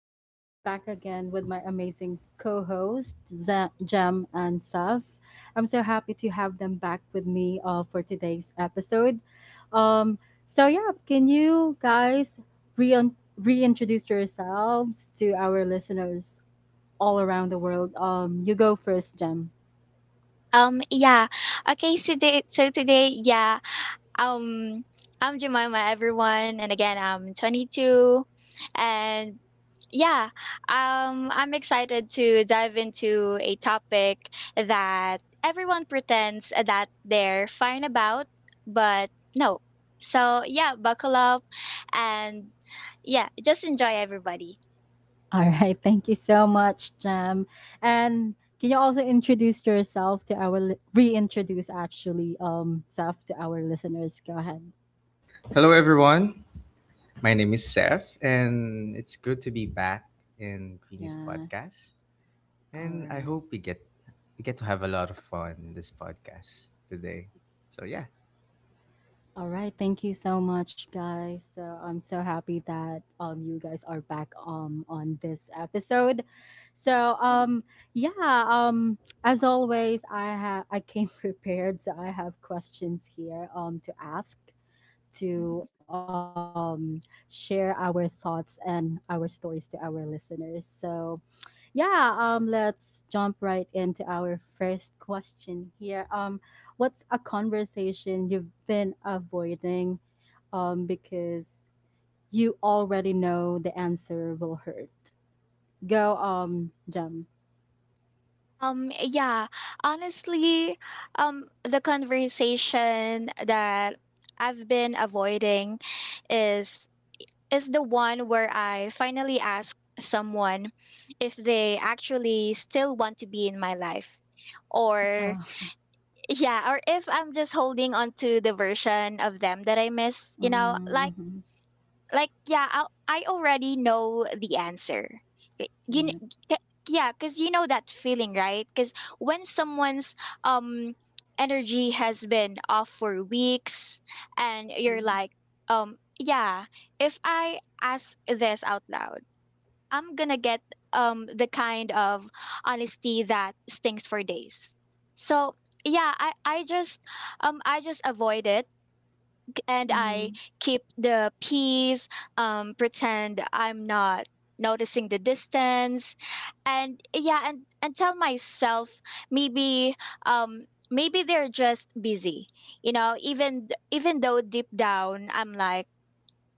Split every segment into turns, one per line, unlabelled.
and we're back again with my amazing co-host Jem and Saf. I'm so happy to have them back with me for today's episode. Um, so yeah, can you guys re- reintroduce yourselves to our listeners all around the world? You go first, Jem.
Um, yeah. Okay, so today, yeah. Um, I'm Jemima, everyone, and again, I'm 22, and yeah, I'm excited to dive into a topic that everyone pretends that they're fine about, but no. So yeah, buckle up, and yeah, just enjoy everybody.
Alright, thank you so much, Jam. And can you also introduce yourself to our reintroduce actually self to our listeners? Go ahead.
Hello, everyone. My name is Seth, and it's good to be back in Queenie's
Yeah.
podcast.
All
And I
right.
hope we get to have a lot of fun in this podcast today. So yeah,
All right. Thank you so much, guys. So I'm so happy that you guys are back on this episode. So yeah, as always, I came prepared, so I have questions here to ask to share our thoughts and our stories to our listeners. So, yeah, let's jump right into our first question here. What's a conversation you've been avoiding because you already know the answer will hurt? Go, Jam.
Um, yeah, honestly, the conversation that I've been avoiding is is the one where I finally ask someone if they actually still want to be in my life or
Oh,
yeah or if I'm just holding on to the version of them that I miss.
mm-hmm.
I already know the answer. Y- you
Yeah.
kn- yeah, because you know that feeling, right? Because when someone's um energy has been off for weeks and you're like um yeah if I ask this out loud, I'm gonna get the kind of honesty that stings for days. So yeah i i just I just avoid it, and I
Mm-hmm.
keep the peace, pretend I'm not noticing the distance, and yeah, and tell myself maybe maybe they're just busy, you know. Even though deep down I'm like,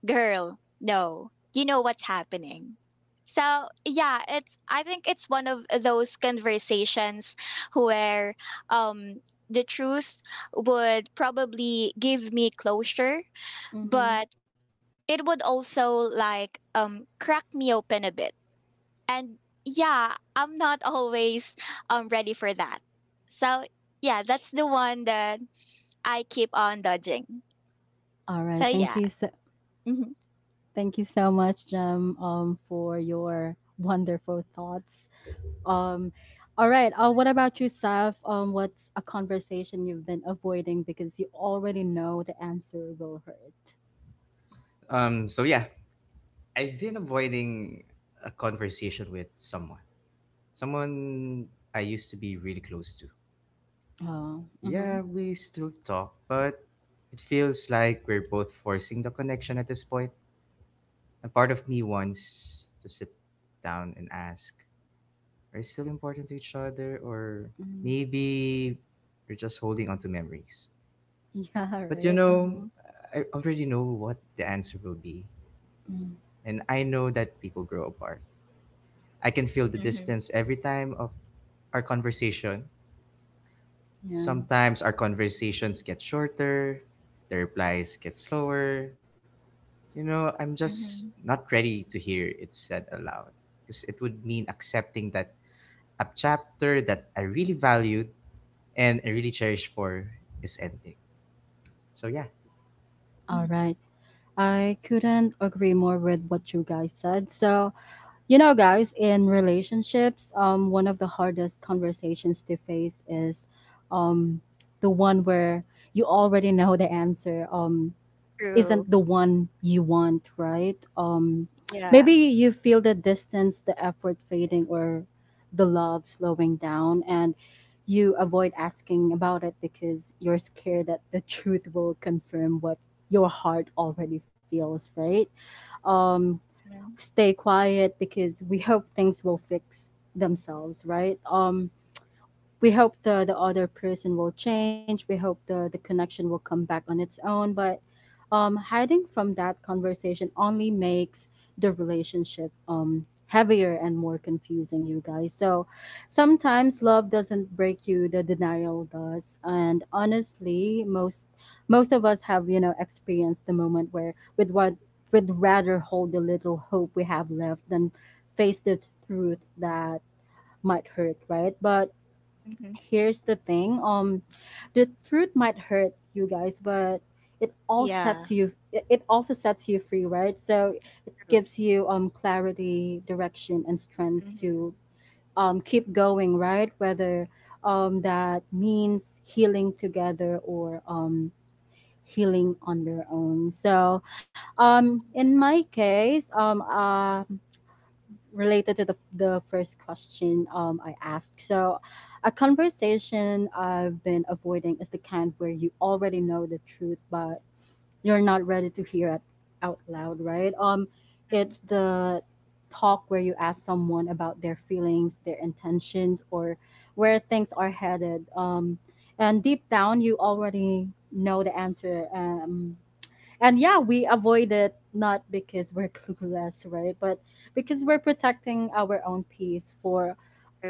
girl, no, you know what's happening. So yeah, it's I think it's one of those conversations where um the truth would probably give me closure,
Mm-hmm.
but it would also crack me open a bit. And yeah, I'm not always ready for that. So yeah, that's the one that I keep on dodging.
All right.
So
Thank
yeah.
you. So,
Hmm.
thank you so much, Jem, for your wonderful thoughts. Um, all right. What about you, Saf? What's a conversation you've been avoiding because you already know the answer will hurt?
so yeah, I've been avoiding a conversation with someone I used to be really close to.
Oh, mm-hmm,
Yeah, we still talk, but it feels like we're both forcing the connection at this point. A part of me wants to sit down and ask are still important to each other, or
mm-hmm.
maybe you're just holding on to memories.
Yeah,
But
right.
you know,
Mm-hmm,
I already know what the answer will be.
mm
And I know that people grow apart. I can feel the
Hmm.
distance every time of our conversation.
yeah.
Sometimes our conversations get shorter, the replies get slower. You know, I'm just
Hmm.
not ready to hear it said aloud because it would mean accepting that a chapter that I really valued and I really cherish for is ending. So yeah.
All
Hmm.
right. I couldn't agree more with what you guys said. So, you know, guys, in relationships, one of the hardest conversations to face is um, the one where you already know the answer
True.
isn't the one you want, right?
Yeah.
Maybe you feel the distance, the effort fading, or the love slowing down, and you avoid asking about it because you're scared that the truth will confirm what your heart already feels, right? Um, stay quiet because we hope things will fix themselves, right? We hope the other person will change. We hope the connection will come back on its own, but hiding from that conversation only makes the relationship heavier and more confusing, you guys. So sometimes love doesn't break you, the denial does. And honestly, most of us have, you know, experienced the moment where with what would rather hold the little hope we have left than face the truth that might hurt, right? But
Mm-hmm.
here's the thing, the truth might hurt, you guys, but it all
Yeah.
sets you it it also sets you free, right? So it
True.
gives you clarity, direction, and strength
Mm-hmm.
to keep going, right? Whether that means healing together or healing on your own. So in my case, related to the first question I asked. So a conversation I've been avoiding is the kind where you already know the truth, but you're not ready to hear it out loud, right? It's the talk where you ask someone about their feelings, their intentions, or where things are headed. And deep down, you already know the answer. And yeah, we avoid it, not because we're clueless, right, but because we're protecting our own peace for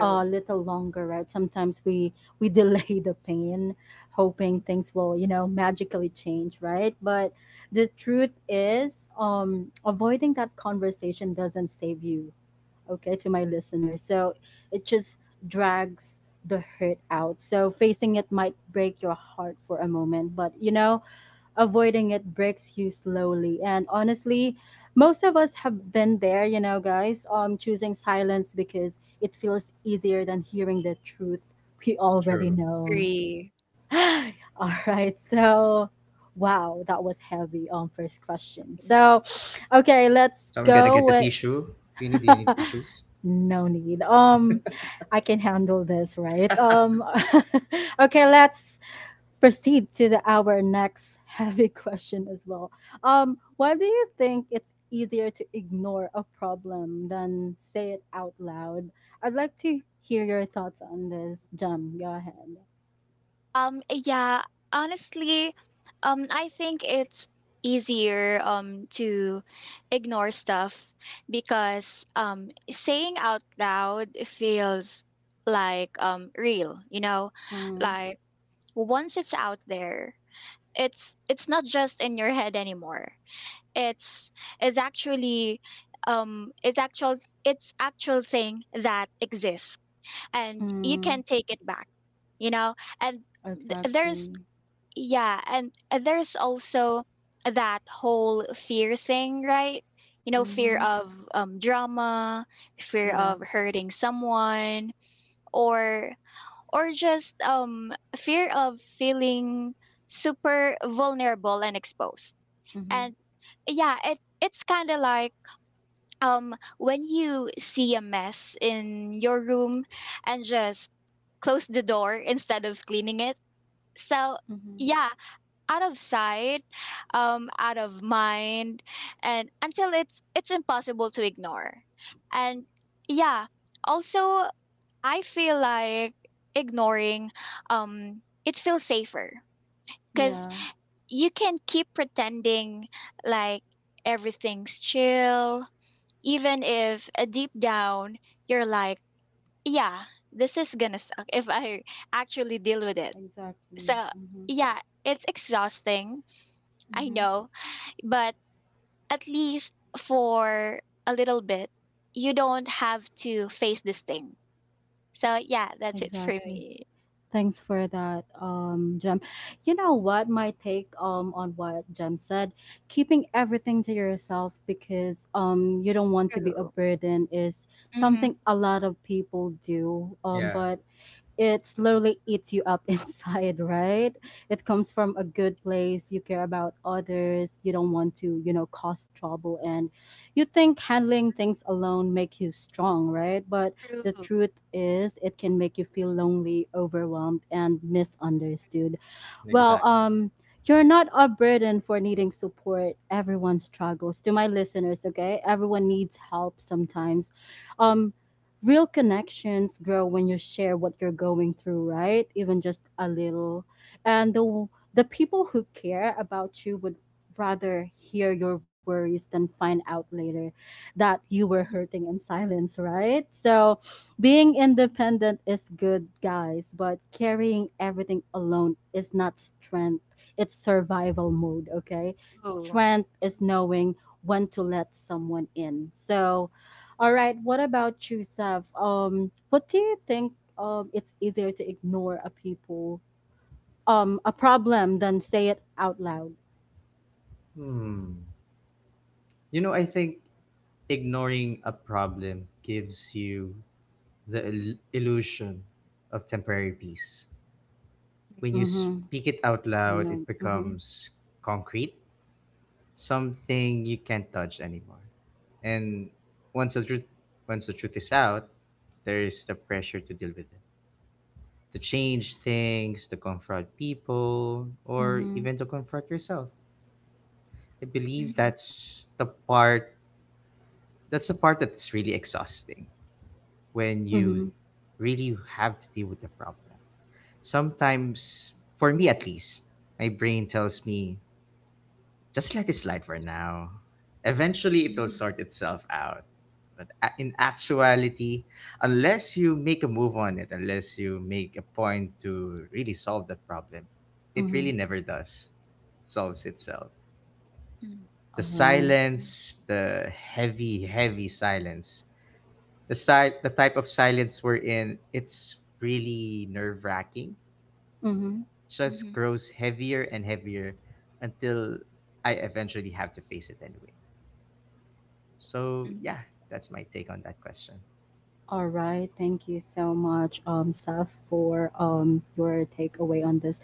a little longer, right? Sometimes we delay the pain, hoping things will, magically change, right? But the truth is, avoiding that conversation doesn't save you, okay, to my listeners. So it just drags the hurt out. So facing it might break your heart for a moment, but you know, avoiding it breaks you slowly. And honestly, most of us have been there, you know, guys, choosing silence because it feels easier than hearing the truth we already
True.
know.
Agree.
All right, so wow, that was heavy, first question. So okay, let's
So I'm gonna
go
get the
with
tissue. Queenie, do you need tissues?
no need, I can handle this, right? Okay, let's proceed to the our next heavy question as well. Why do you think it's easier to ignore a problem than say it out loud? I'd like to hear your thoughts on this, Jam. Go ahead.
Um, yeah, honestly, I think it's easier to ignore stuff because saying out loud feels real, you know?
Mm,
Like once it's out there, it's not just in your head anymore. It's it's actually um it's actual it's actual thing that exists and you
mm,
can take it back, you know? And th- there's
exactly.
yeah, and there's also that whole fear thing, right? You know, fear
Mm-hmm.
of drama, fear of
Yes.
hurting someone, or or just fear of feeling super vulnerable and exposed.
Mm-hmm.
And yeah, it it's kind of like, when you see a mess in your room and just close the door instead of cleaning it. So
Mm-hmm.
yeah, out of sight, out of mind, and until it's impossible to ignore. And yeah, also I feel like ignoring it feels safer because
Yeah.
you can keep pretending like everything's chill, even if deep down you're like, yeah, this is gonna suck if I actually deal with it.
Exactly.
So
Mm-hmm.
yeah, it's exhausting. I
Mm-hmm.
know, but at least for a little bit, you don't have to face this thing. So yeah, that's it for
Exactly.
me.
Thanks for that, Jem. You know what? My take, on what Jem said, keeping everything to yourself because, you don't want to be a
True.
burden, is
Mm-hmm.
something a lot of people do.
Yeah,
But it slowly eats you up inside, right? It comes from a good place. You care about others. You don't want to cause trouble. And you think handling things alone make you strong, right? But the
True.
truth is, it can make you feel lonely, overwhelmed, and misunderstood. Well,
exactly.
you're not a burden for needing support. Everyone struggles. To my listeners, okay? Everyone needs help sometimes. Um, real connections grow when you share what you're going through, right? Even just a little. And the people who care about you would rather hear your worries than find out later that you were
Mhm.
hurting in silence, right? So being independent is good, guys, but carrying everything alone is not strength. It's survival mode, okay?
True.
Strength is knowing when to let someone in. So all right, what about you, Seth? What do you think it's easier to ignore a problem than say it out loud?
Hmm. You know, I think ignoring a problem gives you the illusion of temporary peace. When you
Mhm.
speak it out
I
loud,
know.
it
Mhm.
becomes concrete, something you can't touch anymore. And once the truth is out, there is the pressure to deal with it, to change things, to confront people, or
Mhm.
even to confront yourself. I believe
Mm-hmm.
that's the part that's really exhausting when
Mhm.
you really have to deal with the problem. Sometimes, for me at least, my brain tells me, "Just let it slide for now. Eventually, it'll
Mhm.
sort itself out." But in actuality, unless you make a move on it, unless you make a point to really solve that problem, it really
Mhm.
never does. Solves itself.
Mhm.
The
All right.
silence, the heavy, heavy silence, the type of silence we're in, it's really nerve wracking. Just
Mhm.
grows heavier and heavier until I eventually have to face it anyway. So
Mhm.
yeah, that's my take on that question.
All right, thank you so much, Saf, for your takeaway on this.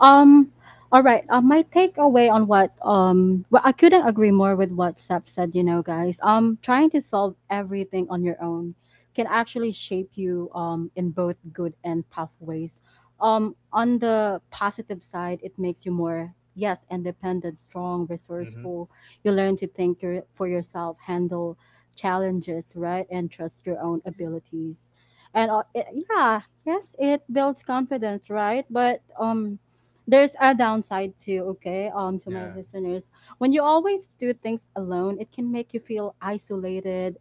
Um, all right, my takeaway on what well, I couldn't agree more with what Saf said. You know, guys, trying to solve everything on your own can actually shape you in both good and tough ways. On the positive side, it makes you more, yes, independent, strong,
Mm-hmm.
resourceful. You learn to think for yourself, handle challenges, right? And trust your own abilities. And yeah, yes, it builds confidence, right? But there's a downside too, okay? To my
Yeah,
listeners, when you always do things alone, it can make you feel isolated,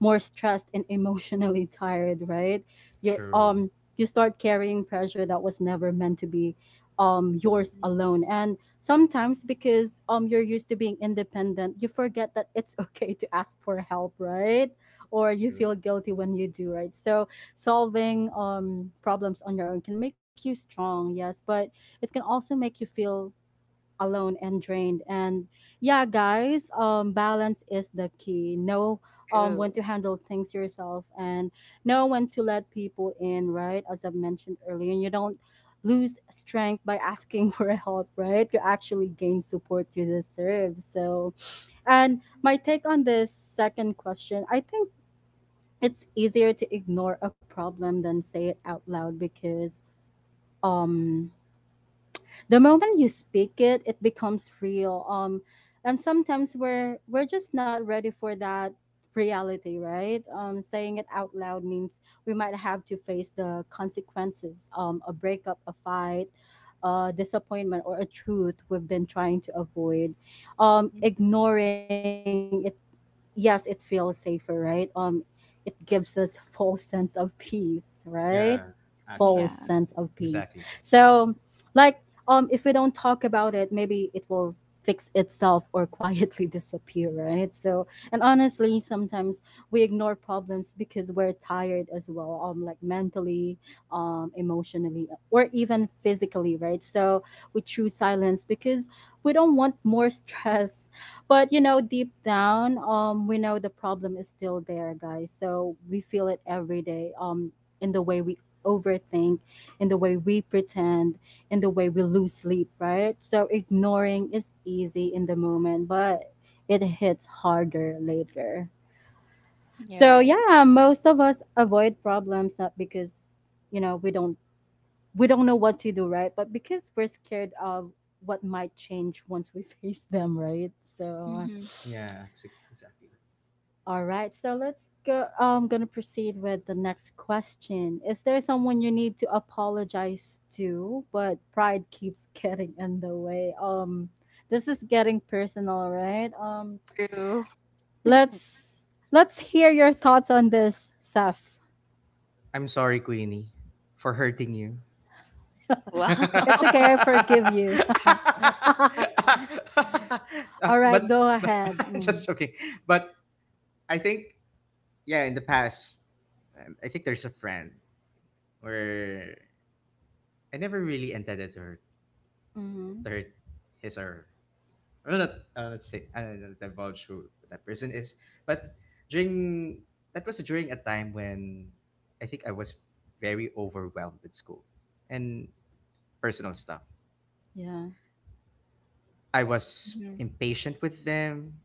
more stressed, and emotionally tired, right? You're
true,
um you start carrying pressure that was never meant to be yours
Mhm.
alone. And sometimes, because you're used to being independent, you forget that it's okay to ask for help, right? Or you
true.
feel guilty when you do, right? So solving problems on your own can make you strong, yes, but it can also make you feel alone and drained. And yeah, guys, balance is the key. Know when
True.
to handle things yourself and know when to let people in, right, as I've mentioned earlier. And you don't lose strength by asking for help, right? You actually gain support you deserve. So, and my take on this second question, I think it's easier to ignore a problem than say it out loud because um the moment you speak it becomes real. And sometimes we're just not ready for that reality, right? Saying it out loud means we might have to face the consequences, a breakup, a fight, a disappointment, or a truth we've been trying to avoid.
Mm-hmm.
Ignoring it, yes, it feels safer, right? It gives us false sense of peace, right?
Yeah,
False sense
actually,
Yeah.
of peace.
exactly.
So, like, if we don't talk about it, maybe it will fix itself or quietly disappear, right? So, and honestly, sometimes we ignore problems because we're tired as well, like mentally, emotionally, or even physically, right? So we choose silence because we don't want more stress. But you know, deep down, we know the problem is still there, guys. So we feel it every day. In the way we overthink, in the way we pretend, in the way we lose sleep, right? So ignoring is easy in the moment, but it hits harder later.
You're
So
right.
yeah, most of us avoid problems not because, we don't know what to do, right? But because we're scared of what might change once we face them, right? So
Mhm.
Yeah, exactly.
all right, so let's go. I'm gonna proceed with the next question. Is there someone you need to apologize to, but pride keeps getting in the way? This is getting personal, right?
True.
Let's let's hear your thoughts on this, Seth.
I'm sorry, Queenie, for hurting you.
Wow.
It's okay, I forgive you.
Uh,
All right,
but,
go
but,
ahead.
just
Mm.
joking. But I think yeah, in the past, I think there's a friend where I never really intended to hurt,
Mm-hmm.
to hurt his, or I will not say, I don't know, divulge who that person is. But during that was during a time when I think I was very overwhelmed with school and personal stuff.
Yeah.
I was
Mhm.
impatient with them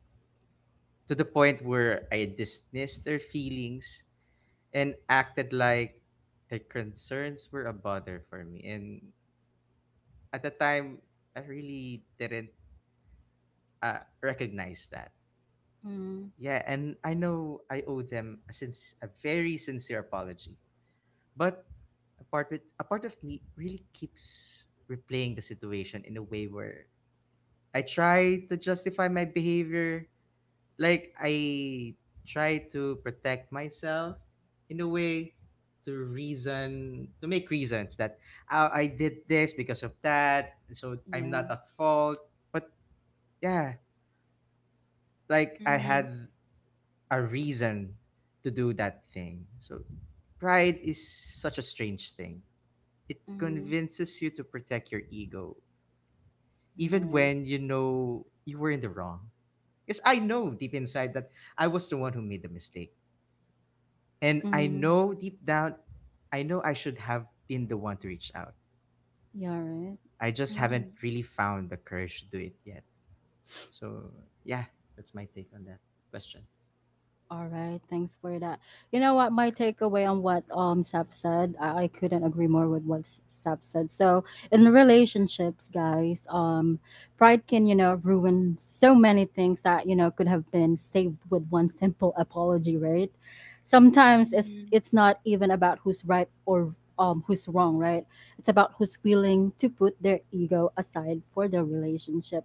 to the point where I dismissed their feelings and acted like their concerns were a bother for me. And at the time, I really didn't recognize that.
Mm.
Yeah, and I know I owe them since a very sincere apology. But a part of me really keeps replaying the situation in a way where I try to justify my behavior, like I try to protect myself in a way, to reason, to make reasons that, oh, I did this because of that, so I'm
Yeah.
not at fault. But yeah, like I
Mhm.
had a reason to do that thing. So pride is such a strange thing. It
Mm.
convinces you to protect your ego,
All
even
right.
when you know you were in the wrong. Because I know deep inside that I was the one who made the mistake. And I
Mm.
know deep down, I know I should have been the one to reach out.
Yeah. All right.
I just haven't
Mhm.
really found the courage to do it yet. So, yeah, that's my take on that question.
All right, thanks for that. You know what, my takeaway on what Seth said, I couldn't agree more with what Seth said. So in relationships, guys, pride can ruin so many things that could have been saved with one simple apology, right? Sometimes it's
Mhm.
it's not even about who's right or who's wrong, right? It's about who's willing to put their ego aside for the relationship.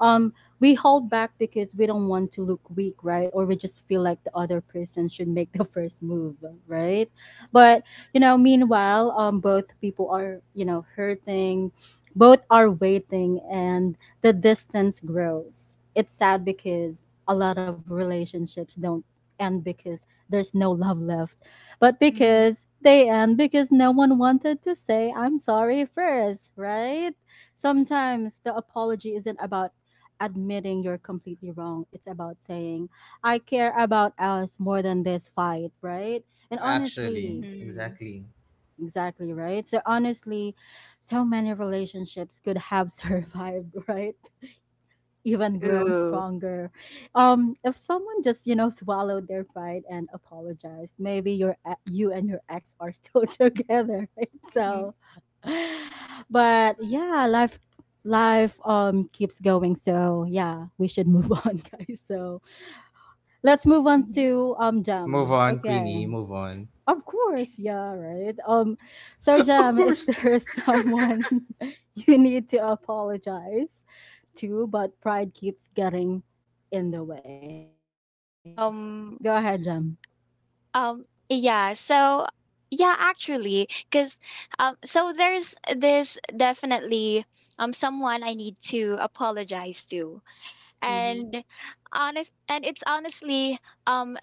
Um, we hold back because we don't want to look weak, right? Or we just feel like the other person should make the first move, right? But meanwhile, both people are hurting, both are waiting, and the distance grows. It's sad because a lot of relationships don't end because there's no love left, but
Mm-hmm.
because they end because no one wanted to say I'm sorry first, right? Sometimes the apology isn't about admitting you're completely wrong. It's about saying, I care about us more than this fight, right? And
Actually,
honestly,
Mm-hmm.
exactly.
exactly, right? So honestly, so many relationships could have survived, right? Even grown
True.
stronger. If someone just swallowed their pride and apologized, maybe you and your ex are still together, right? So, but yeah, life keeps going. So yeah, we should move on, guys. So let's move on
Mm-hmm.
to
Move
Jam.
on, Queenie,
Okay.
move on.
Of course, yeah, right. So
Of
Jam, is
course.
there someone you need to apologize to, but pride keeps getting in the way? Go ahead, Jam.
Um, Um, yeah, so yeah, actually, because so there's this definitely someone I need to apologize to,
Mm-hmm.
and honest, and it's honestly um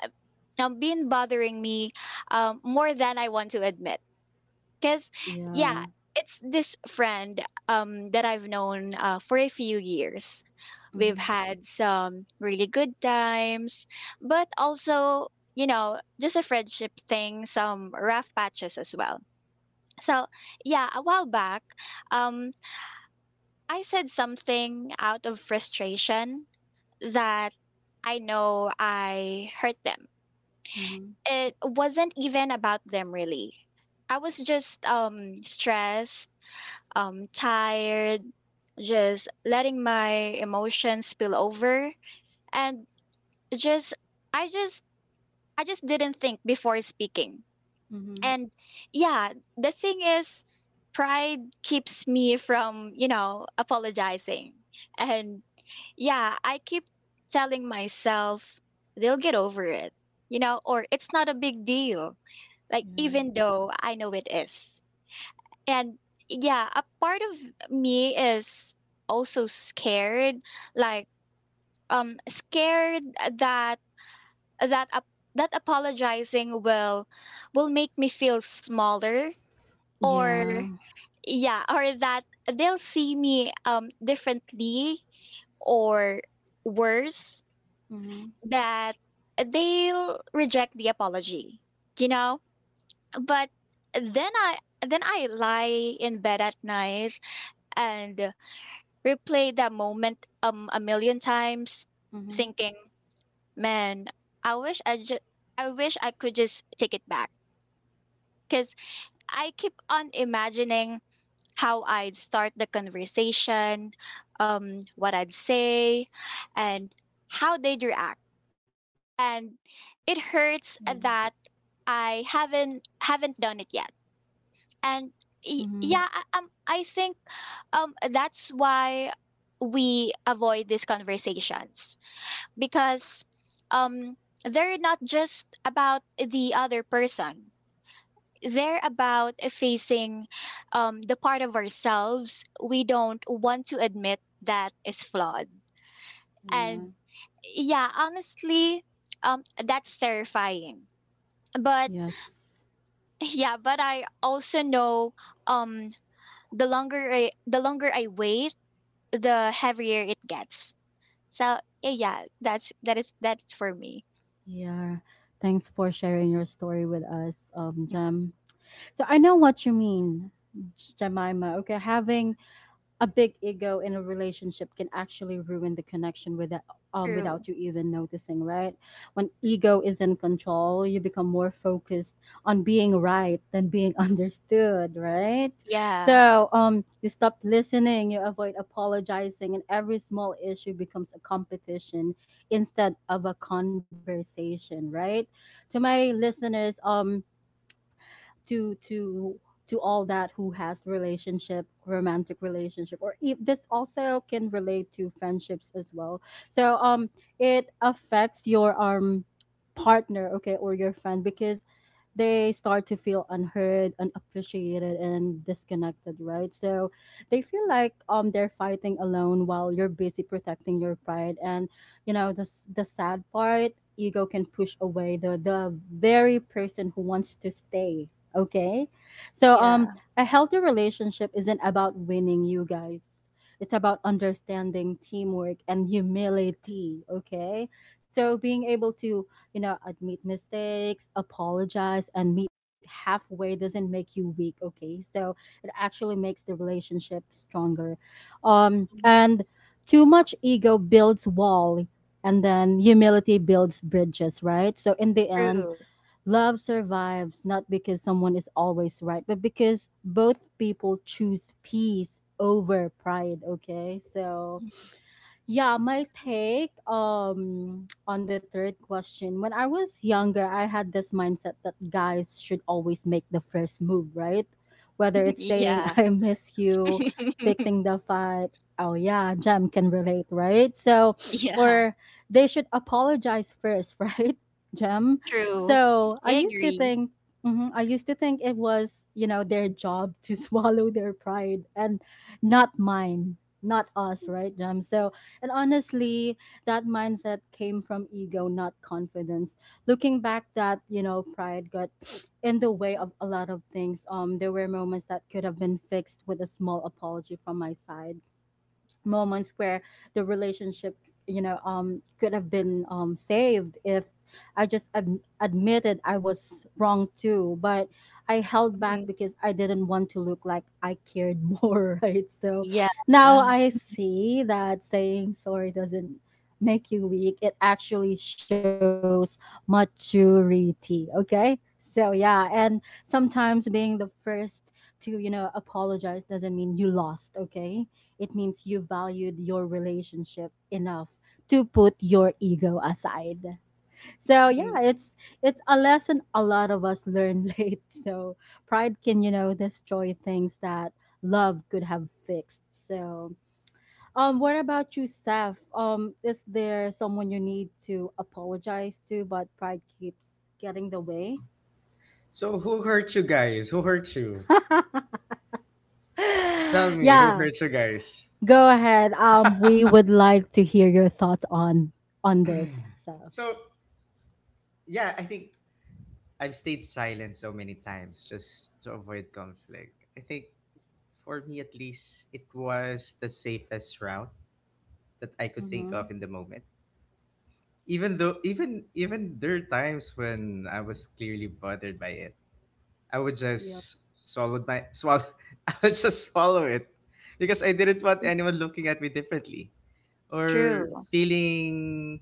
been bothering me more than I want to admit, because
Yeah.
yeah, it's this friend that I've known for a few years. We've
Mm-hmm.
had some really good times, but also, you know, just a friendship thing, some rough patches as well. So, yeah, a while back, um, I said something out of frustration that I know I hurt them.
Mm-hmm.
It wasn't even about them, really. I was just stressed, tired, just letting my emotions spill over. And just I just I just didn't think before speaking.
Mm-hmm.
And yeah, the thing is pride keeps me from, you know, apologizing. And yeah, I keep telling myself they'll get over it, you know, or it's not a big deal, like
Yeah.
even though I know it is. And yeah, a part of me is also scared, like scared that that ap- that apologizing will make me feel smaller, or
Yeah.
yeah or that they'll see me differently, or worse,
Mm-hmm.
that they'll reject the apology, you know. But then i then I lie in bed at night and replay that moment a million times
Mm-hmm.
thinking, man, i wish i just I wish I could just take it back because I keep on imagining how I'd start the conversation, what I'd say, and how they'd react.
Yeah.
And it hurts that I haven't done it yet. And
Mm-hmm.
I think that's why we avoid these conversations because um they're not just about the other person, they're about facing the part of ourselves we don't want to admit that is flawed.
Yeah.
And yeah, honestly, that's terrifying. But
Yes.
yeah, but I also know, um, the longer I wait, the heavier it gets. So yeah, that's that is that's for me.
Yeah. Thanks for sharing your story with us, Jam. So I know what you mean, Jemima. Okay, having a big ego in a relationship can actually ruin the connection without um
True.
without you even noticing, right? When ego is in control, you become more focused on being right than being understood, right?
Yeah.
So you stop listening, you avoid apologizing, and every small issue becomes a competition instead of a conversation, right? To my listeners, to to to all that who has relationship romantic relationship, or if this also can relate to friendships as well, so it affects your partner, okay, or your friend because they start to feel unheard, unappreciated and disconnected, right? So they feel like they're fighting alone while you're busy protecting your pride. And the the sad part, ego can push away the very person who wants to stay. Okay. So
Yeah.
a healthy relationship isn't about winning, you guys. It's about understanding, teamwork and humility, okay? So being able to, admit mistakes, apologize and meet halfway doesn't make you weak, okay? So it actually makes the relationship stronger. Um
Mhm.
and too much ego builds wall, and then humility builds bridges, right? So in the end,
True.
love survives not because someone is always right, but because both people choose peace over pride, okay? So yeah, my take on the third question. When I was younger, I had this mindset that guys should always make the first move, right? Whether it's saying
Yeah.
I miss you, fixing the fight. Oh yeah, Jam can relate, right? So,
Yeah.
or they should apologize first, right? Jam.
True.
So,
I
I used to
agree.
think mhm, I used to think it was, their job to swallow their pride and not mine, not us, right, Jam? So, and honestly, that mindset came from ego, not confidence. Looking back, that, pride got in the way of a lot of things. There were moments that could have been fixed with a small apology from my side, moments where the relationship could have been saved if I just admitted I was wrong too. But I held back
Mhm.
because I didn't want to look like I cared more, right? So
Yeah.
now I see that saying sorry doesn't make you weak, it actually shows maturity, okay? So yeah, and sometimes being the first to apologize doesn't mean you lost, okay? It means you valued your relationship enough to put your ego aside. So yeah,
Mhm.
it's a lesson a lot of us learn late. So pride can, destroy things that love could have fixed. So what about you, Seth? Is there someone you need to apologize to but pride keeps getting the way?
So, who hurt you guys? Who hurt you? Tell me, who
Yeah,
hurt you guys?
go ahead. We would like to hear your thoughts on this. So
So, yeah, I think I've stayed silent so many times just to avoid conflict. I think for me, at least, it was the safest route that I could think of
Mhm.
in the moment. Even though, even even there are times when I was clearly bothered by it, I would
Yep.
just swallow my swallow. I would just swallow it because I didn't want anyone looking at me differently or
True.
feeling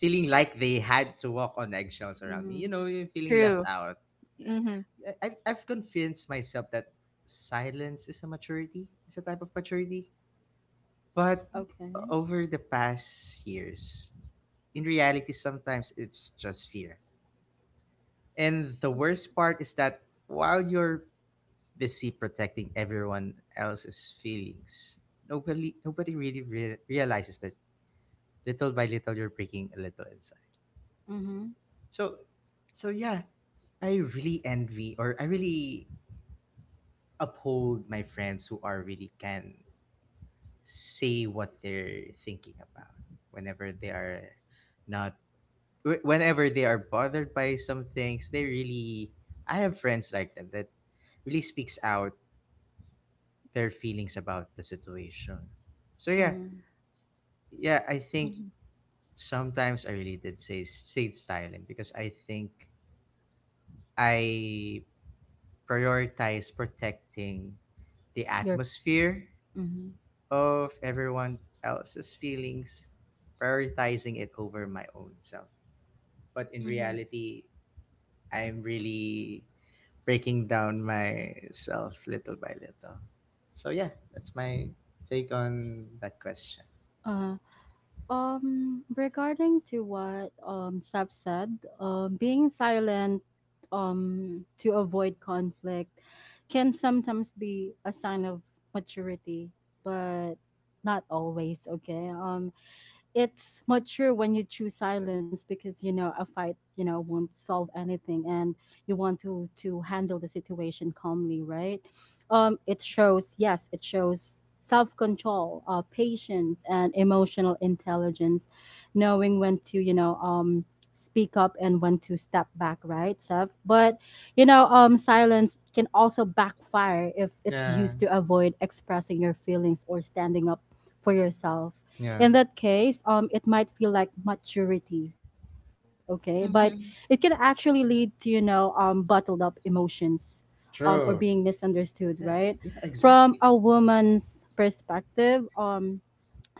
feeling like they had to walk on eggshells around me. You
Mhm.
know, you're feeling left
True.
out.
Mhm.
Yeah. I've convinced myself that silence is a maturity. It's a type of maturity. But
Mm.
Okay.
over the past years, in reality, sometimes it's just fear. And the worst part is that while you're busy protecting everyone else's feelings, nobody really realizes that little by little you're breaking a little inside.
Mhm.
So, so, yeah, I really envy, or I really uphold, my friends who are really can say what they're thinking about whenever they are not wh- whenever they are bothered by some things, they really. I have friends like that that really speaks out their feelings about the situation. So yeah,
Mhm.
yeah, I think
Mhm.
sometimes I really did say stayed silent because I think I prioritize protecting the
Your
atmosphere
Mhm.
of everyone else's feelings, prioritizing it over my own self. But in
Mhm.
reality, I'm really breaking down myself little by little. So yeah, that's my take on that question.
Uh regarding to what Sab said, being silent to avoid conflict can sometimes be a sign of maturity, but not always, okay? It's mature when you choose silence because a fight won't solve anything, and you want to handle the situation calmly, right? It shows, yes, it shows self-control, patience and emotional intelligence, knowing when to speak up and when to step back, right, Seth? But silence can also backfire if it's
Yeah,
used to avoid expressing your feelings or standing up for yourself.
yeah,
In that case it might feel like maturity, okay, but it can
Mhm.
actually lead to bottled up emotions, or being
true.
misunderstood, right?
Yeah, yeah,
From a
exactly.
woman's perspective,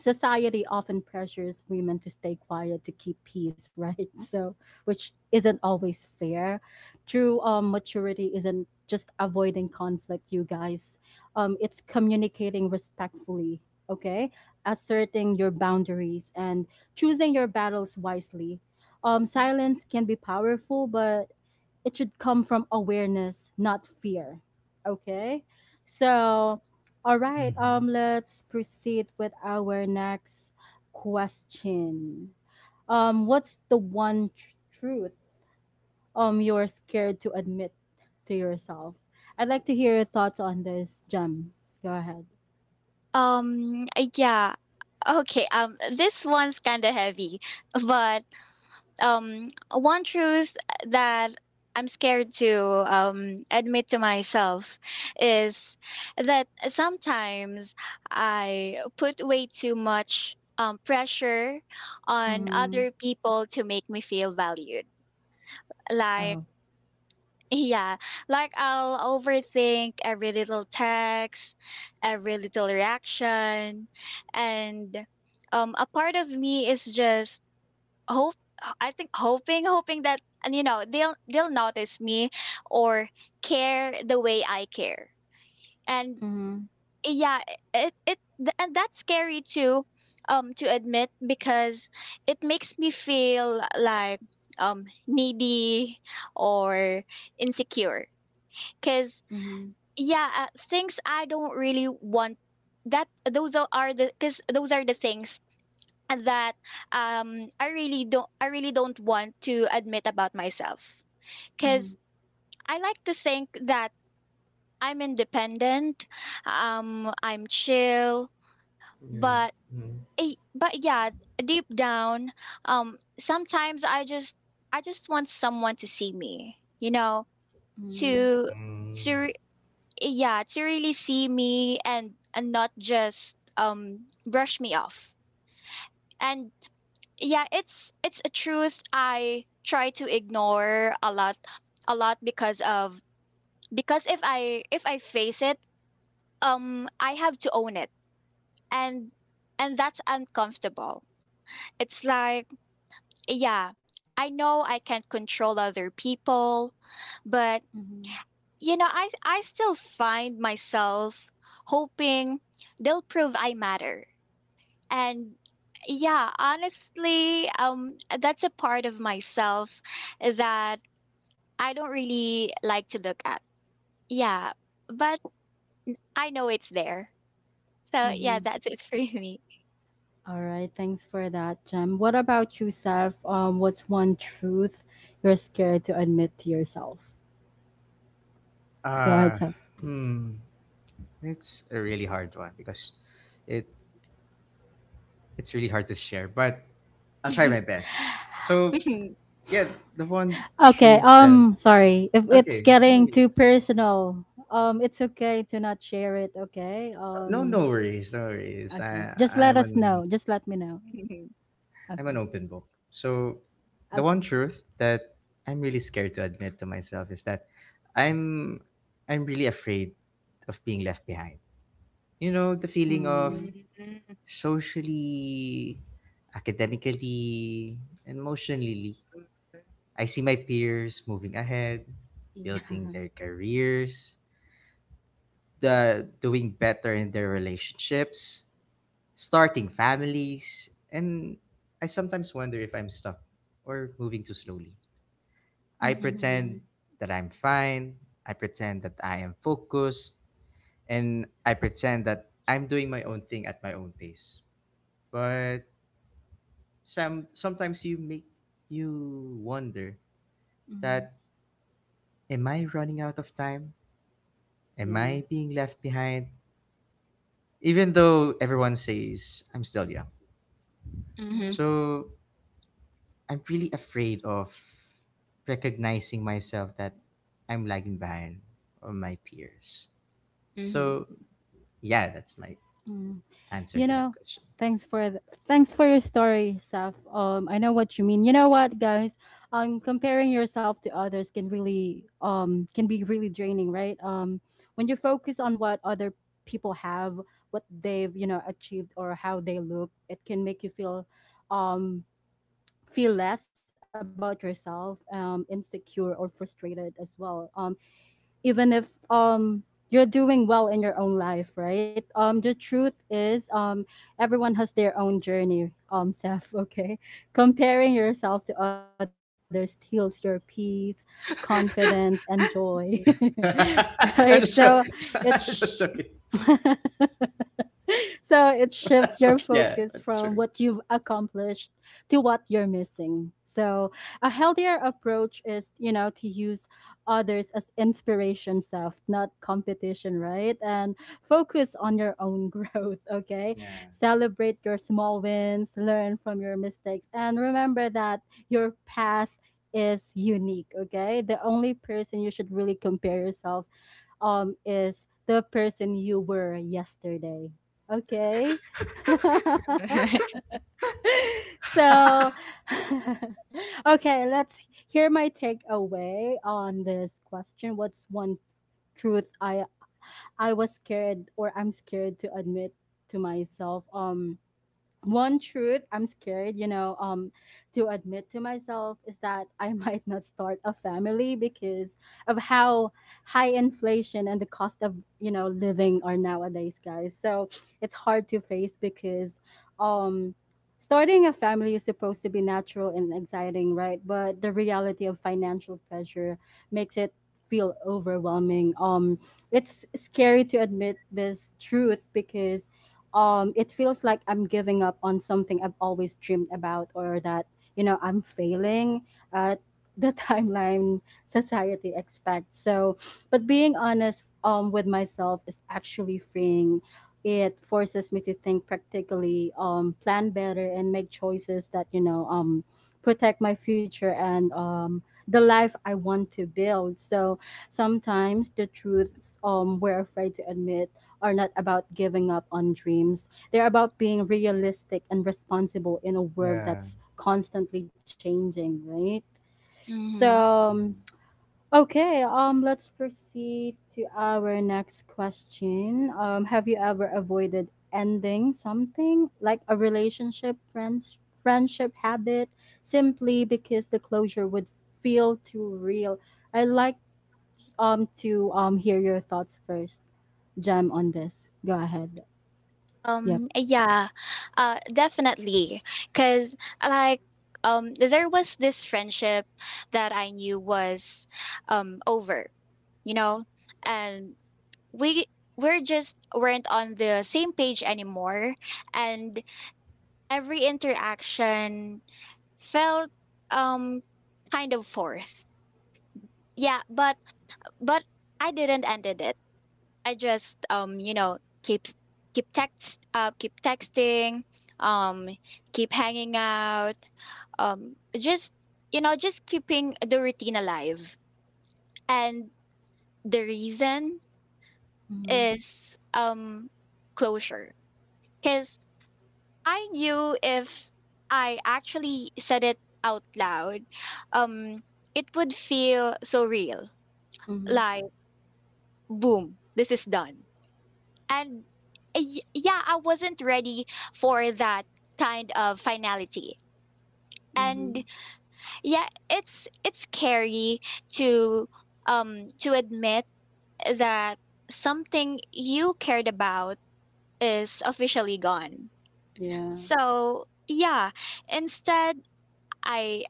society often pressures women to stay quiet to keep peace, right? So which isn't always fair, true. Maturity isn't just avoiding conflict, you guys, it's communicating respectfully, okay, asserting your boundaries and choosing your battles wisely.
Mhm.
Silence can be powerful, but it should come from awareness, not fear, okay? So, all right,
Mm-hmm.
let's proceed with our next question. What's the one truth you're scared to admit to yourself? I'd like to hear your thoughts on this, Jem. Go ahead.
Yeah. Okay. This one's kind of heavy, but one truth that I'm scared to admit to myself is that sometimes I put way too much pressure on
Mm-hmm.
other people to make me feel valued. Like,
Oh.
yeah, like I'll overthink every little text, every little reaction, and a part of me is just hope I think hoping hoping that, and you know, they'll notice me or care the way I care. And
Mm-hmm.
yeah, and that's scary too, to admit, because it makes me feel like needy or insecure, because
Mm-hmm.
yeah, things I don't really want that those are the because those are the things that I really don't want to admit about myself, because
Mm-hmm.
I like to think that I'm independent, I'm chill.
Yeah.
But
Mm.
Yeah, deep down, sometimes I just want someone to see me, you know,
Mm-hmm.
to to
Mm.
re- yeah, to really see me and not just brush me off. And yeah, it's a truth I try to ignore a lot, because of because if I face it, I have to own it. And that's uncomfortable. It's like, yeah, I know I can't control other people,
Mm-hmm.
but you know, I still find myself hoping they'll prove I matter. And yeah, honestly, that's a part of myself that I don't really like to look at. Yeah, but I know it's there. So
Mm-hmm.
yeah, that's it for me.
All right. Thanks for that, Jem. What about you, Seth? What's one truth you're scared to admit to yourself? Go ahead,
Uh,
Seth.
hmm, it's a really hard one because it it's really hard to share, but I'll try my best. So
Mhm.
yeah, the one
Okay,
truth and
sorry. If it's
okay, no
getting
worries.
too personal, it's okay to not share it, okay?
No, no worries, no worries.
Okay.
I
Just let
I'm
us
an
know. Just let me know.
Mhm.
I'm an
Okay.
open book. So,
Okay.
the one truth that I'm really scared to admit to myself is that I'm I'm really afraid of being left behind. You know, the feeling of
Mm.
Mm.
socially, academically, and emotionally. I see my peers moving ahead,
Yeah.
building their careers, the doing better in their relationships, starting families, and I sometimes wonder if I'm stuck or moving too slowly. I
Mm-hmm.
pretend that I'm fine. I pretend that I am focused. And I pretend that I'm doing my own thing at my own pace. But sometimes you wonder that am I running out of time? Am
Yeah.
I being left behind? Even though everyone says I'm still young.
Mhm.
Mm-hmm.
So I'm really afraid of recognizing myself that I'm lagging behind on my peers.
Mhm.
So yeah, that's my
Mm-hmm.
answer
You
to that
know,
question.
Thanks for your story, Saf. I know what you mean. You know what, guys? Comparing yourself to others can be really draining, right? When you focus on what other people have, what they've achieved or how they look, it can make you um feel less about yourself, insecure or frustrated as well. Even if you're doing well in your own life, right? The truth is, everyone has their own journey. Seth, okay. Comparing yourself to others steals your peace, confidence, and joy, right? So
I'm just so,
it's
I'm just joking.
so it shifts your focus
Yeah,
from
that's
what
true.
you've accomplished to what you're missing. So a healthier approach is, to use others as inspiration self, not competition, right? And focus on your own growth, okay?
Yeah,
Celebrate your small wins, learn from your mistakes, and remember that your path is unique, okay? The only person you should really compare yourself is the person you were yesterday. Okay? So okay, let's hear my takeaway on this question. What's one truth I was scared, or I'm scared to admit to myself? One truth I'm scared, to admit to myself is that I might not start a family because of how high inflation and the cost of, living are nowadays, guys. So it's hard to face because um starting a family is supposed to be natural and exciting, right? But the reality of financial pressure makes it feel overwhelming. It's scary to admit this truth because, it feels like I'm giving up on something I've always dreamed about, or that I'm failing at the timeline society expects. So, but being honest, with myself is actually freeing. It forces me to think practically, plan better, and make choices that protect my future and, the life I want to build. So sometimes the truths, we're afraid to admit are not about giving up on dreams. They're about being realistic and responsible in a world
yeah,
that's constantly changing, right? So,
Mhm.
mhm,
okay, let's proceed to our next question. Have you ever avoided ending something like a relationship, friendship, habit, simply because the closure would feel too real? I like to hear your thoughts first, Jam, on this. Go ahead. Yep.
Um, yeah, definitely. Because, like, there was this friendship that I knew was, over, you know, and we we're just weren't on the same page anymore, and every interaction felt um kind of forced. Yeah, but but I didn't end it. I just, you know, keep texting, um keep hanging out, just you know, just keeping the routine alive. And the reason
Mhm.
is, closure, cuz I knew if I actually said it out loud, um it would feel so real.
Mhm.
Like, boom, this is done. And yeah, I wasn't ready for that kind of finality.
Mhm.
And yeah, it's scary to to admit that something you cared about is officially gone.
Yeah.
So yeah, instead I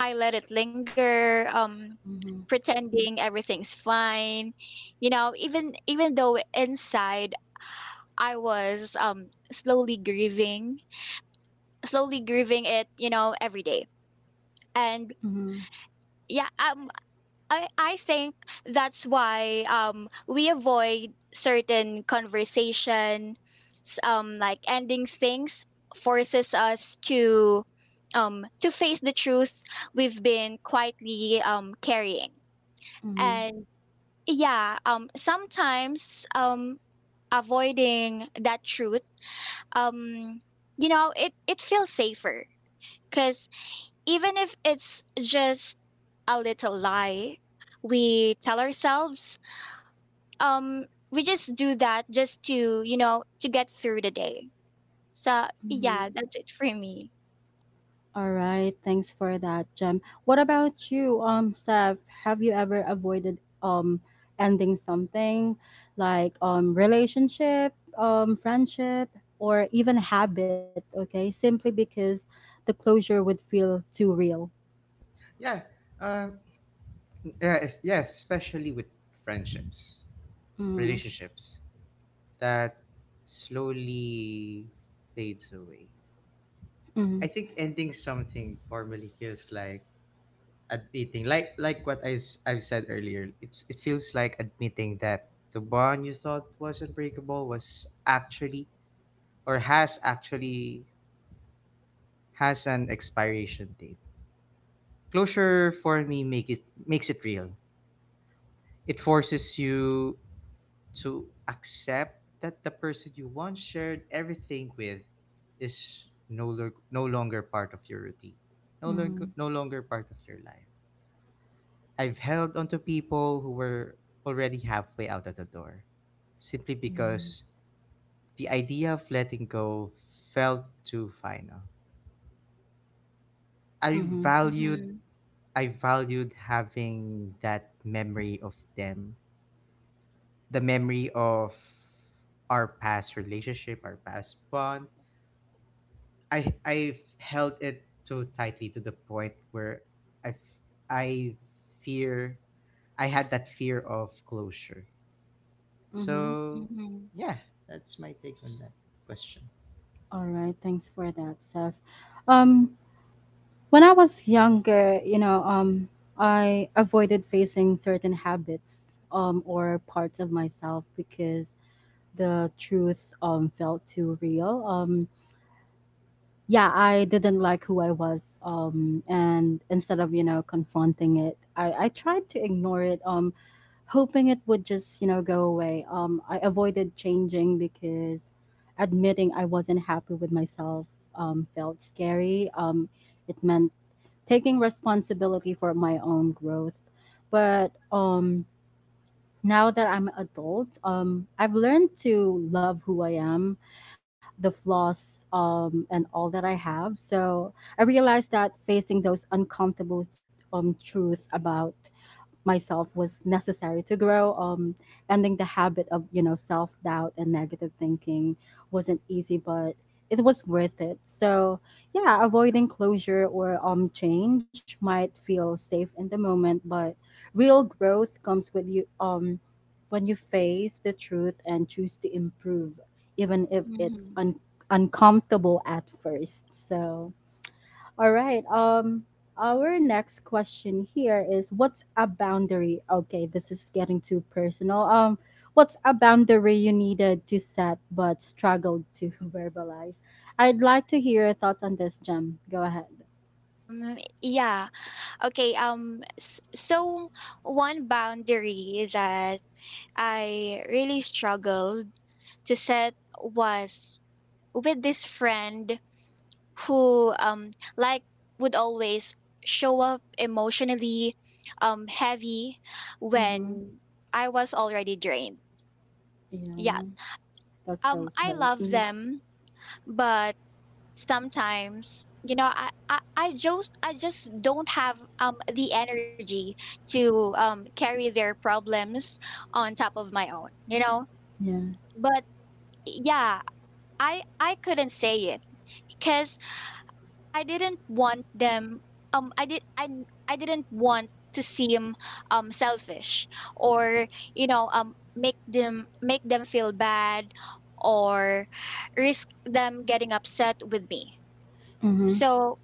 I let it linger,
Mhm.
pretending everything's fine. You know, even though inside I was, slowly grieving, slowly grieving it, you know, every day. And
Mhm.
yeah, I think that's why we avoid certain conversation, like ending things forces us to face the truth we've been quietly carrying.
Mhm.
And yeah, sometimes avoiding that truth, um, you know, it feels safer, because even if it's just a little lie we tell ourselves. Um, we just do that just to, you know, to get through the day. So, yeah,
Mhm.
that's it for me.
All right. Thanks for that, Jem. What about you, Steph? Have you ever avoided ending something like relationship, friendship, or even habit? Okay, simply because the closure would feel too real.
yeah. Uh, yeah, yes, especially with friendships,
Mhm.
relationships that slowly fades away. I
Mhm.
think ending something formally feels like admitting, like what I've said earlier. It feels like admitting that the bond you thought was unbreakable was actually, or has actually, has an expiration date. Closure for me makes it real. It forces you to accept that the person you once shared everything with is no longer part of your routine. No longer
Mhm.
no longer part of your life. I've held onto people who were already halfway out of the door simply
Yeah.
because the idea of letting go felt too final. I
Mhm.
valued
Mm-hmm.
I valued having that memory of them, the memory of our past relationship, our past bond. I've held it too tightly to the point where I f- I fear I had that fear of closure.
Mhm.
So
Mm-hmm.
yeah, that's my take on that question.
All right. Thanks for that, Steph. Um, when I was younger, I avoided facing certain habits, or parts of myself because the truth, felt too real. Yeah, I didn't like who I was, and instead of confronting it, I tried to ignore it, hoping it would just go away. I avoided changing because admitting I wasn't happy with myself felt scary. It meant taking responsibility for my own growth. But now that I'm an adult, I've learned to love who I am, the flaws and all that I have. So I realized that facing those uncomfortable truth about myself was necessary to grow. Ending the habit of self doubt and negative thinking wasn't easy, but it was worth it. So yeah, avoiding closure or change might feel safe in the moment, but real growth comes with you when you face the truth and choose to improve, even if it's
Mm-hmm.
uncomfortable at first. So all right. Our next question here is what's a boundary? Okay, this is getting too personal. What's a boundary you needed to set but struggled to verbalize? I'd like to hear your thoughts on this, Jem. Go ahead.
Mm. Yeah. Okay. So one boundary that I really struggled to set was with this friend who, like, would always show up emotionally heavy
Mm-hmm.
when I was already drained. Yeah.
Yeah, that's so
I
sad.
love
Mm-hmm.
them, but sometimes you know, I just don't have the energy to carry their problems on top of my own, you know?
Yeah.
But yeah, I couldn't say it because I didn't want them, I didn't want to seem selfish, or you know, make them feel bad, or risk them getting upset with me.
Mm-hmm.
So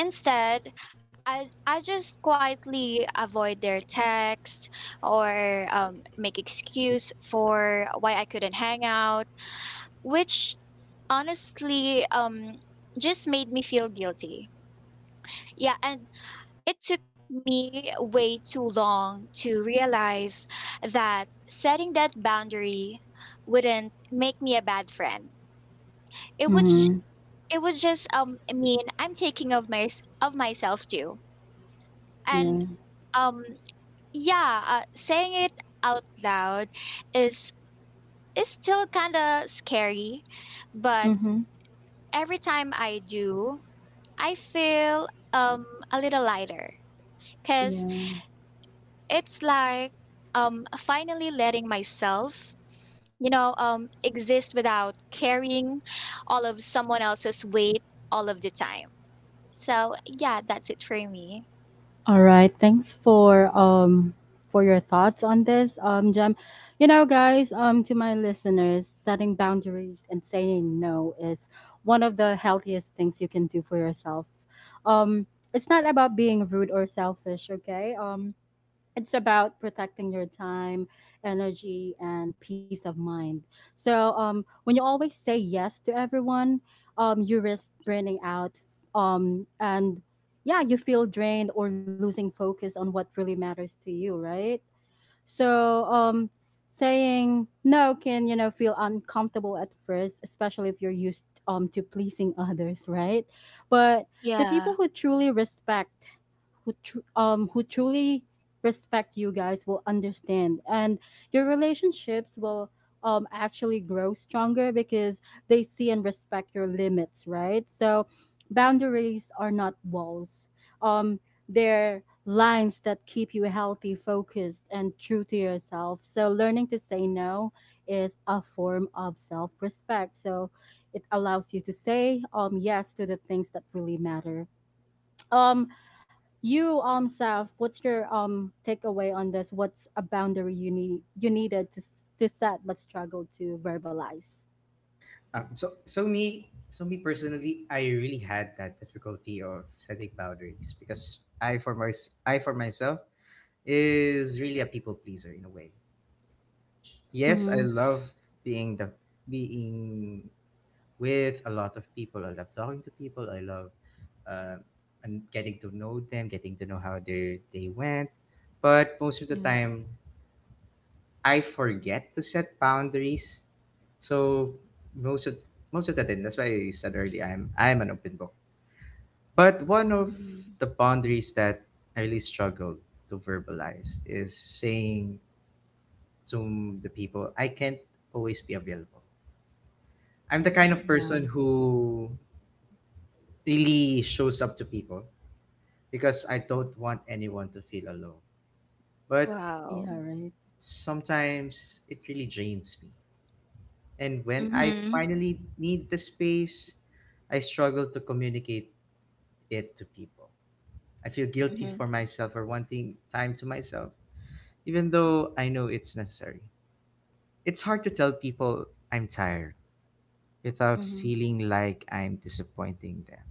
instead I just quietly avoid their text or make excuse for why I couldn't hang out, which honestly just made me feel guilty. Yeah, and it took me way too long to realize that setting that boundary wouldn't make me a bad friend. It would j-
Mm-hmm.
it would just mean I'm taking of my of myself too. And
Yeah.
um yeah, saying it out loud is is still kind of scary, but
Mm-hmm.
every time I do, I feel a little lighter cause.
Yeah.
It's like finally letting myself, you know, exist without carrying all of someone else's weight all of the time. So, yeah, that's it for me.
All right. Thanks for your thoughts on this, Jem. You know, guys, to my listeners, setting boundaries and saying no is one of the healthiest things you can do for yourself. Um, it's not about being rude or selfish, okay? It's about protecting your time, energy, and peace of mind. So, when you always say yes to everyone, you risk burning out, and yeah, you feel drained or losing focus on what really matters to you, right? So, saying no can feel uncomfortable at first, especially if you're used to pleasing others, right? But the people
Yeah.
who truly respect who truly respect you guys will understand and your relationships will actually grow stronger because they see and respect your limits, right? So boundaries are not walls, um they're lines that keep you healthy, focused, and true to yourself. So learning to say no is a form of self-respect, so it allows you to say yes to the things that really matter. um you, Saf, what's your takeaway on this? What's a boundary you needed to to set but struggle to verbalize?
So me personally, I really had that difficulty of setting boundaries because I for myself is really a people pleaser in a way.
Mm-hmm.
Yes, I love being the being with a lot of people. I love talking to people. I love uh, and getting to know them, getting to know how they went. But
Yeah.
most of the time, I forget to set boundaries. So most of most of the time, that's why I said earlier, I'm an open book. But one of
Mm-hmm.
the boundaries that I really struggle to verbalize is saying to the people, I can't always be available. I'm the kind
Mm-hmm.
Yeah.
of person who really shows up to people because I don't want anyone to feel alone. But
Yeah.
Wow.
Right.
sometimes it really drains me. And when I
Mm-hmm.
finally need the space, I struggle to communicate it to people. I feel guilty
Mm-hmm.
for myself for wanting time to myself, even though I know it's necessary. It's hard to tell people I'm tired without
Mm-hmm.
feeling like I'm disappointing them.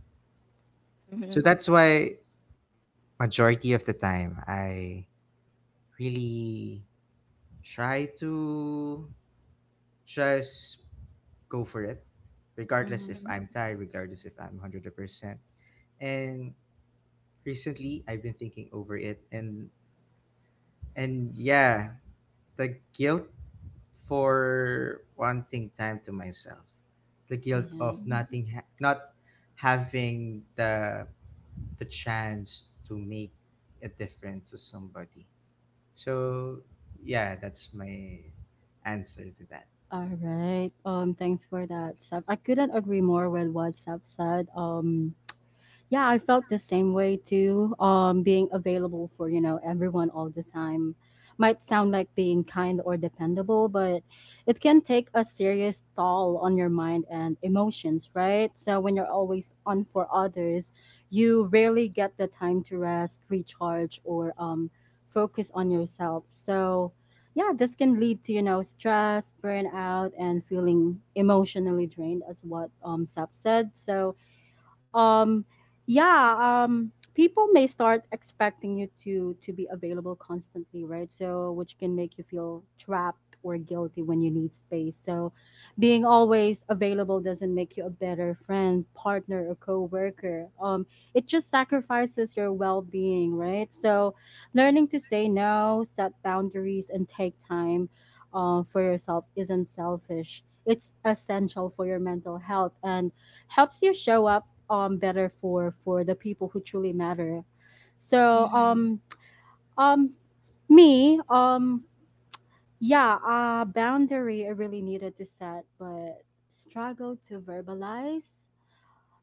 Mm-hmm.
So that's why majority of the time I really try to just go for it,
Mm-hmm.
regardless if I'm tired, regardless if I'm 100%. And recently, I've been thinking over it, and yeah, the guilt for wanting time to myself. The guilt
Yeah.
of
Mm-hmm.
not having the chance to make a difference to somebody. So, yeah, that's my answer to that.
All right. Thanks for that, Saf. I couldn't agree more with what Saf said. Yeah, I felt the same way too, being available for everyone all the time might sound like being kind or dependable, but it can take a serious toll on your mind and emotions, right? So when you're always on for others, you rarely get the time to rest, recharge, or focus on yourself. So yeah, this can lead to stress, burnout, and feeling emotionally drained as what sap said. So um yeah um people may start expecting you to be available constantly, right? So which can make you feel trapped or guilty when you need space. So being always available doesn't make you a better friend, partner, or co-worker. It just sacrifices your well-being, right? So learning to say no, set boundaries, and take time, for yourself isn't selfish. It's essential for your mental health and helps you show up better for the people who truly matter. So
Mm-hmm.
um me, yeah, boundary I really needed to set but struggle to verbalize,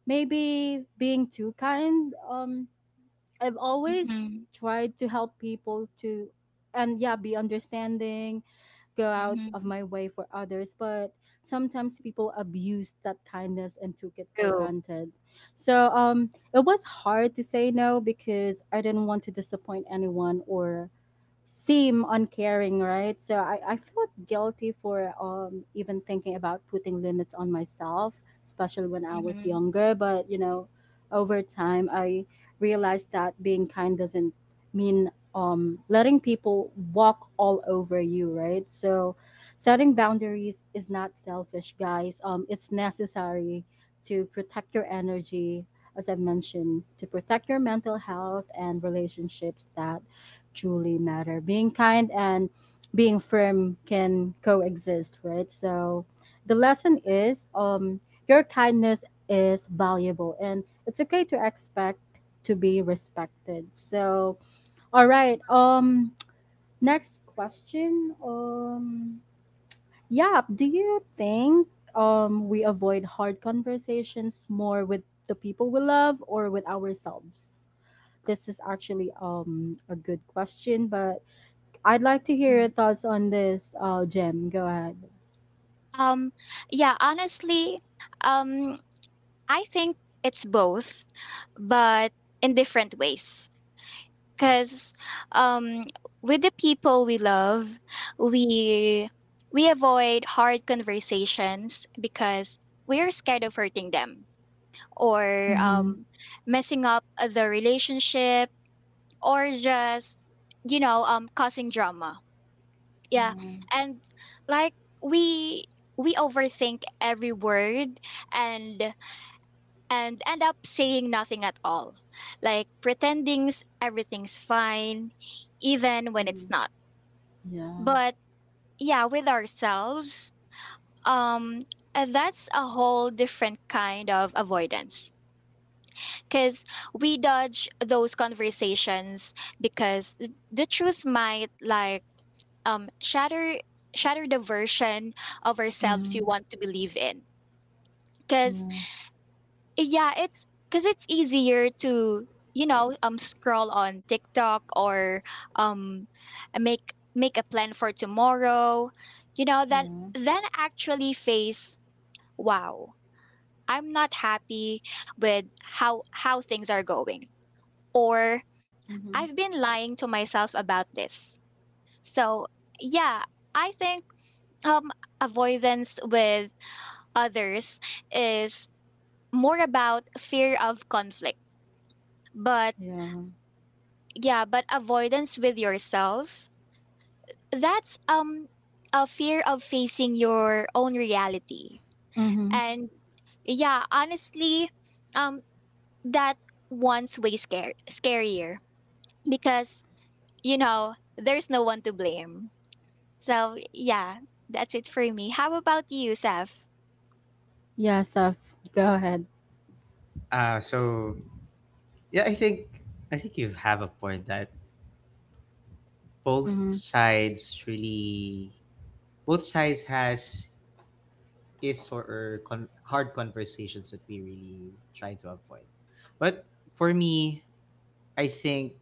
maybe being too kind. I've always
Mm-hmm.
tried to help people, to, and yeah, be understanding, go out of
Mm-hmm.
my way for others. But sometimes people abused that kindness and took it for
True.
granted. So it was hard to say no because I didn't want to disappoint anyone or seem uncaring, right? So I felt guilty for even thinking about putting limits on myself, especially when I was
Mm-hmm.
younger. But, you know, over time, I realized that being kind doesn't mean, letting people walk all over you, right? So setting boundaries is not selfish, guys. It's necessary to protect your energy, as I mentioned, to protect your mental health and relationships that truly matter. Being kind and being firm can coexist, right? So the lesson is your kindness is valuable and it's okay to expect to be respected. So all right, next question. Yeah, do you think we avoid hard conversations more with the people we love or with ourselves? This is actually a good question, but I'd like to hear your thoughts on this, Jem. Go ahead.
Um yeah, honestly, um I think it's both, but in different ways. Because um, with the people we love, we we avoid hard conversations because we're scared of hurting them or,
Mm-hmm.
messing up the relationship, or just you know, causing drama. Yeah,
Yeah.
and like we we overthink every word and and end up saying nothing at all, like pretending everything's fine, even when it's
Mm.
not.
Yeah.
But yeah, with ourselves, um, that's a whole different kind of avoidance because we dodge those conversations because the truth might shatter shatter the version of
Mm-hmm.
ourselves you want to believe in, because yeah, it's because it's easier to, you know, scroll on TikTok or um make a plan for tomorrow, you know,
Yeah. Yeah.
than actually face, wow, I'm not happy with how things are going, or
Mm-hmm.
I've been lying to myself about this. So yeah, I think um avoidance with others is more about fear of conflict, but
Yeah.
yeah, but avoidance with yourself, that's a fear of facing your own reality.
Mm-hmm.
And yeah, honestly, um that one's way scarier because you know, there's no one to blame. So yeah, that's it for me. How about you, Seth?
Yeah, Saf. Go ahead.
So yeah, I think you have a point that both
Mm-hmm.
sides really both sides has is or con- hard conversations that we really try to avoid. But for me, I think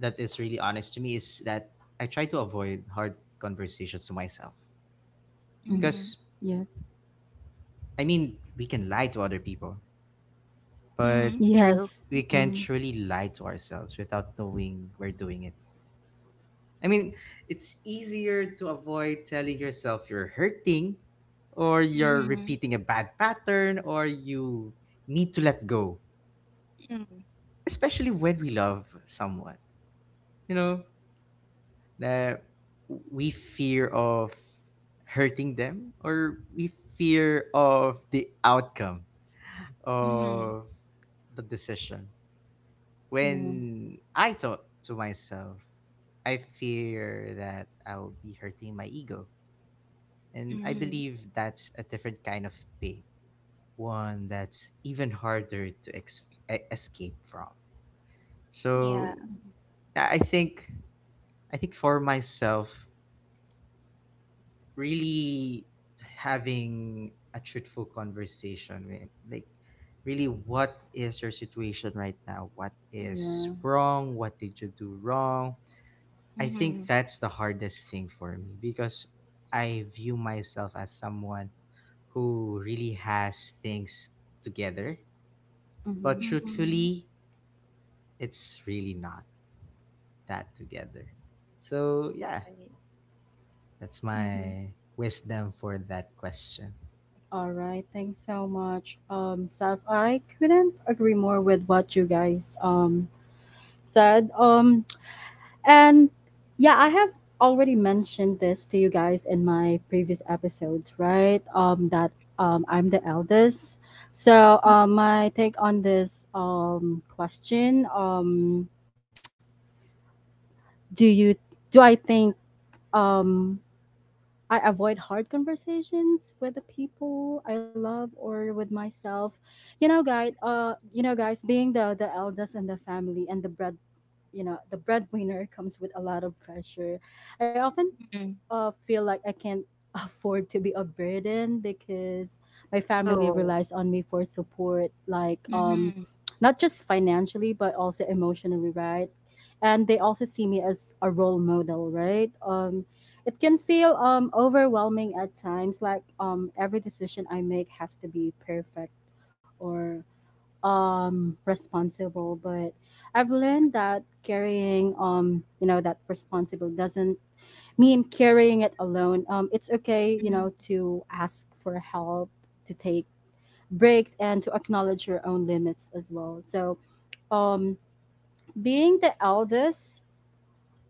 that is really honest to me is that I try to avoid hard conversations to myself
Mm.
Mm-hmm.
because
Yeah.
I mean we can lie to other people, but
Hmm. True.
Yes.
we can
Mm.
truly lie to ourselves without knowing we're doing it. I mean, it's easier to avoid telling yourself you're hurting, or you're
Mm-hmm.
repeating a bad pattern, or you need to let go,
Mm-hmm.
especially when we love someone. You know that we fear of hurting them, or we fear of the outcome
Mm-hmm.
of the decision.
Yeah.
When I thought to myself, I fear that I'll be hurting my ego, and I
Hmm.
believe that's a different kind of pain, one that's even harder to escape from.
Yeah.
so
Mm-hmm.
i I think I think for myself, really having a truthful conversation with, like, really, what is your situation right now? What is
Yeah.
wrong? What did you do wrong? I
Mm-hmm.
think that's the hardest thing for me because I view myself as someone who really has things together. But
Mm-hmm.
Mm-hmm.
truthfully, it's really not that together. So, yeah,
Right.
that's
Mm-hmm.
my wisdom for that question.
All right. Thanks so much, Saf. I couldn't agree more with what you guys said. And yeah, I have already mentioned this to you guys in my previous episodes, right? That I'm the eldest. So my take on this question: Do you do I think um, I avoid hard conversations with the people I love or with myself? You know, guys. You know, guys, being the eldest in the family and the breadwinner comes with a lot of pressure. I often
Mm-hmm.
feel like I can't afford to be a burden because my family
Oh.
relies on me for support, like
Mhm.
not just financially but also emotionally, right? And they also see me as a role model, right? It can feel overwhelming at times, like every decision I make has to be perfect or responsible. But I've learned that carrying that responsible doesn't mean carrying it alone. It's okay, you
Mhm.
know, to ask for help, to take breaks, and to acknowledge your own limits as well. So um being the eldest,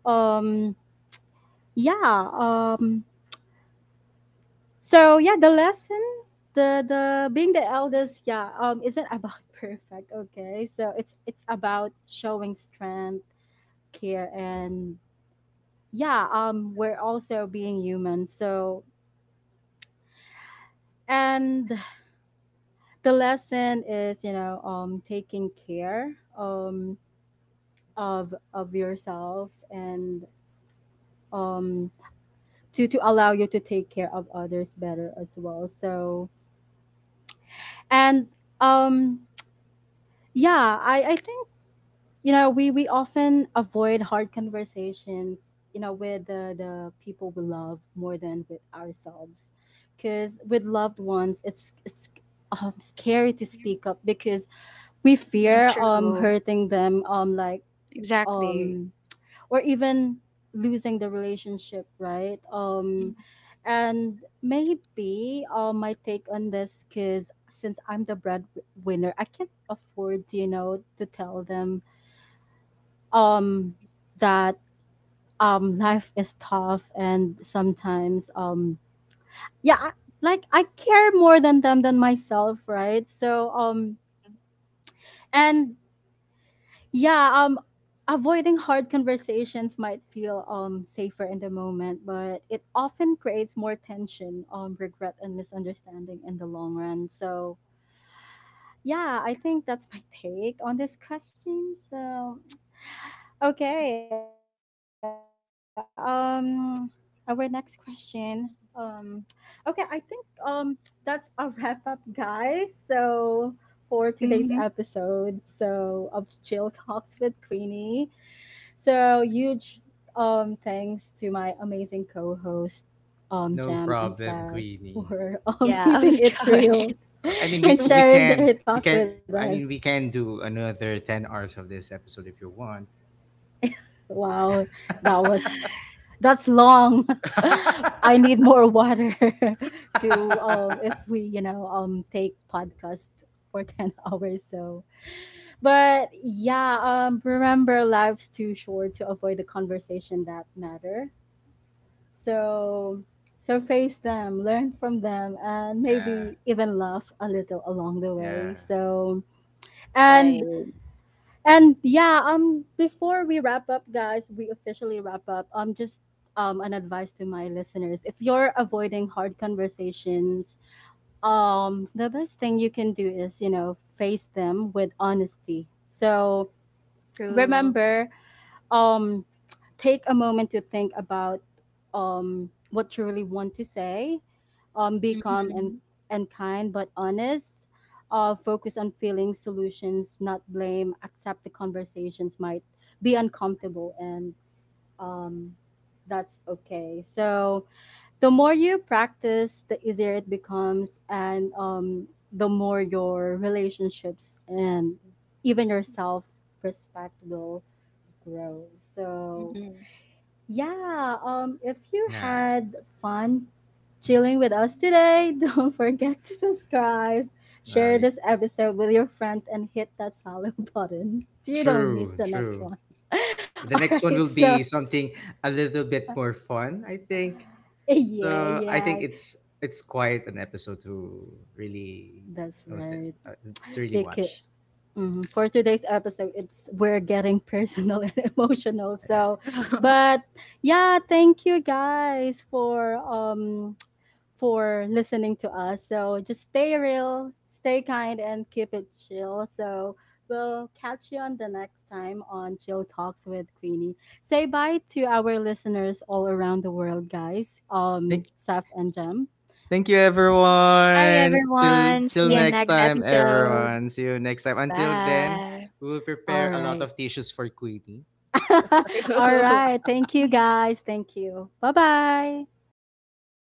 um yeah, so yeah, the lesson, the being the eldest, yeah, isn't about perfect, okay? So it's about showing strength, care, and yeah, we're also being human. So and the lesson is, you know, taking care of yourself and um to allow you to take care of others better as well. So and um yeah, I think, you know, we often avoid hard conversations, you know, with the people we love more than with ourselves, because with loved ones it's scary to speak up because we
Mm,
fear
true.
hurting them, um, like
Exactly.
um or even losing the relationship, right?
Mm.
And maybe my take on this, because since I'm the breadwinner, I can't afford, you know, to tell them um that life is tough and sometimes yeah I, like I care more than them than myself, right? So and yeah, avoiding hard conversations might feel safer in the moment, but it often creates more tension, regret, and misunderstanding in the long run. So yeah, I think that's my take on this question. So okay. Our next question. Um, okay, I think um that's a wrap up, guys. So for today's
Hmm.
episode, so of Chill Talks with Queenie. So huge thanks to my amazing co-host,
No
Jam and
problem,
Seth
Queenie.
for
Yeah,
keeping
of
it
course.
real
I mean,
and
we we
sharing
can
their
we
thoughts with
can. I
us.
mean, we can do another 10 hours of this episode if you want.
Wow, that was that's long. I need more water to if we, you know, take podcast for 10 hours so. But yeah, remember life's too short to avoid the conversation that matter. So so face them, learn from them, and
Yeah,
maybe even laugh a little along the
yeah,
way. So
Right.
and and yeah, before we wrap up guys, we officially wrap up. Just an advice to my listeners. If you're avoiding hard conversations, the best thing you can do is, you know, face them with honesty. So
True.
remember um take a moment to think about what you really want to say, be calm and
Mhm.
kind but honest, uh, focus on feeling solutions, not blame, accept the conversations might be uncomfortable, and um that's okay. So the more you practice, the easier it becomes, and the more your relationships and even your self respect will grow. So,
Mhm.
yeah, if you
yeah.
had fun chilling with us today, don't forget to subscribe,
No,
share this episode with your friends, and hit that follow button so you don't miss
true,
the next
true.
one. All
The next
right,
one will
so
be something a little bit more fun, I think.
yeah,
So I
yeah,
think it's quite an episode to really,
that's
you know,
right.
uh, to really
Because
watch.
mm, for today's episode, it's we're getting personal and emotional.
Yeah.
So, but yeah, thank you guys for listening to us. So just stay real, stay kind, and keep it chill. So we'll catch you on the next time on Chill Talks with Queenie. Say bye to our listeners all around the world, guys. Saf and Jem,
Thank you,
Bye,
everyone. Till
everyone.
till
See you
thank
next
next
you.
time,
episode.
everyone. See you next time. Until then,
Bye.
we will prepare
All
a lot
right.
of tissues for Queenie.
all right. Thank you, guys. Thank you. Bye bye.
Bye.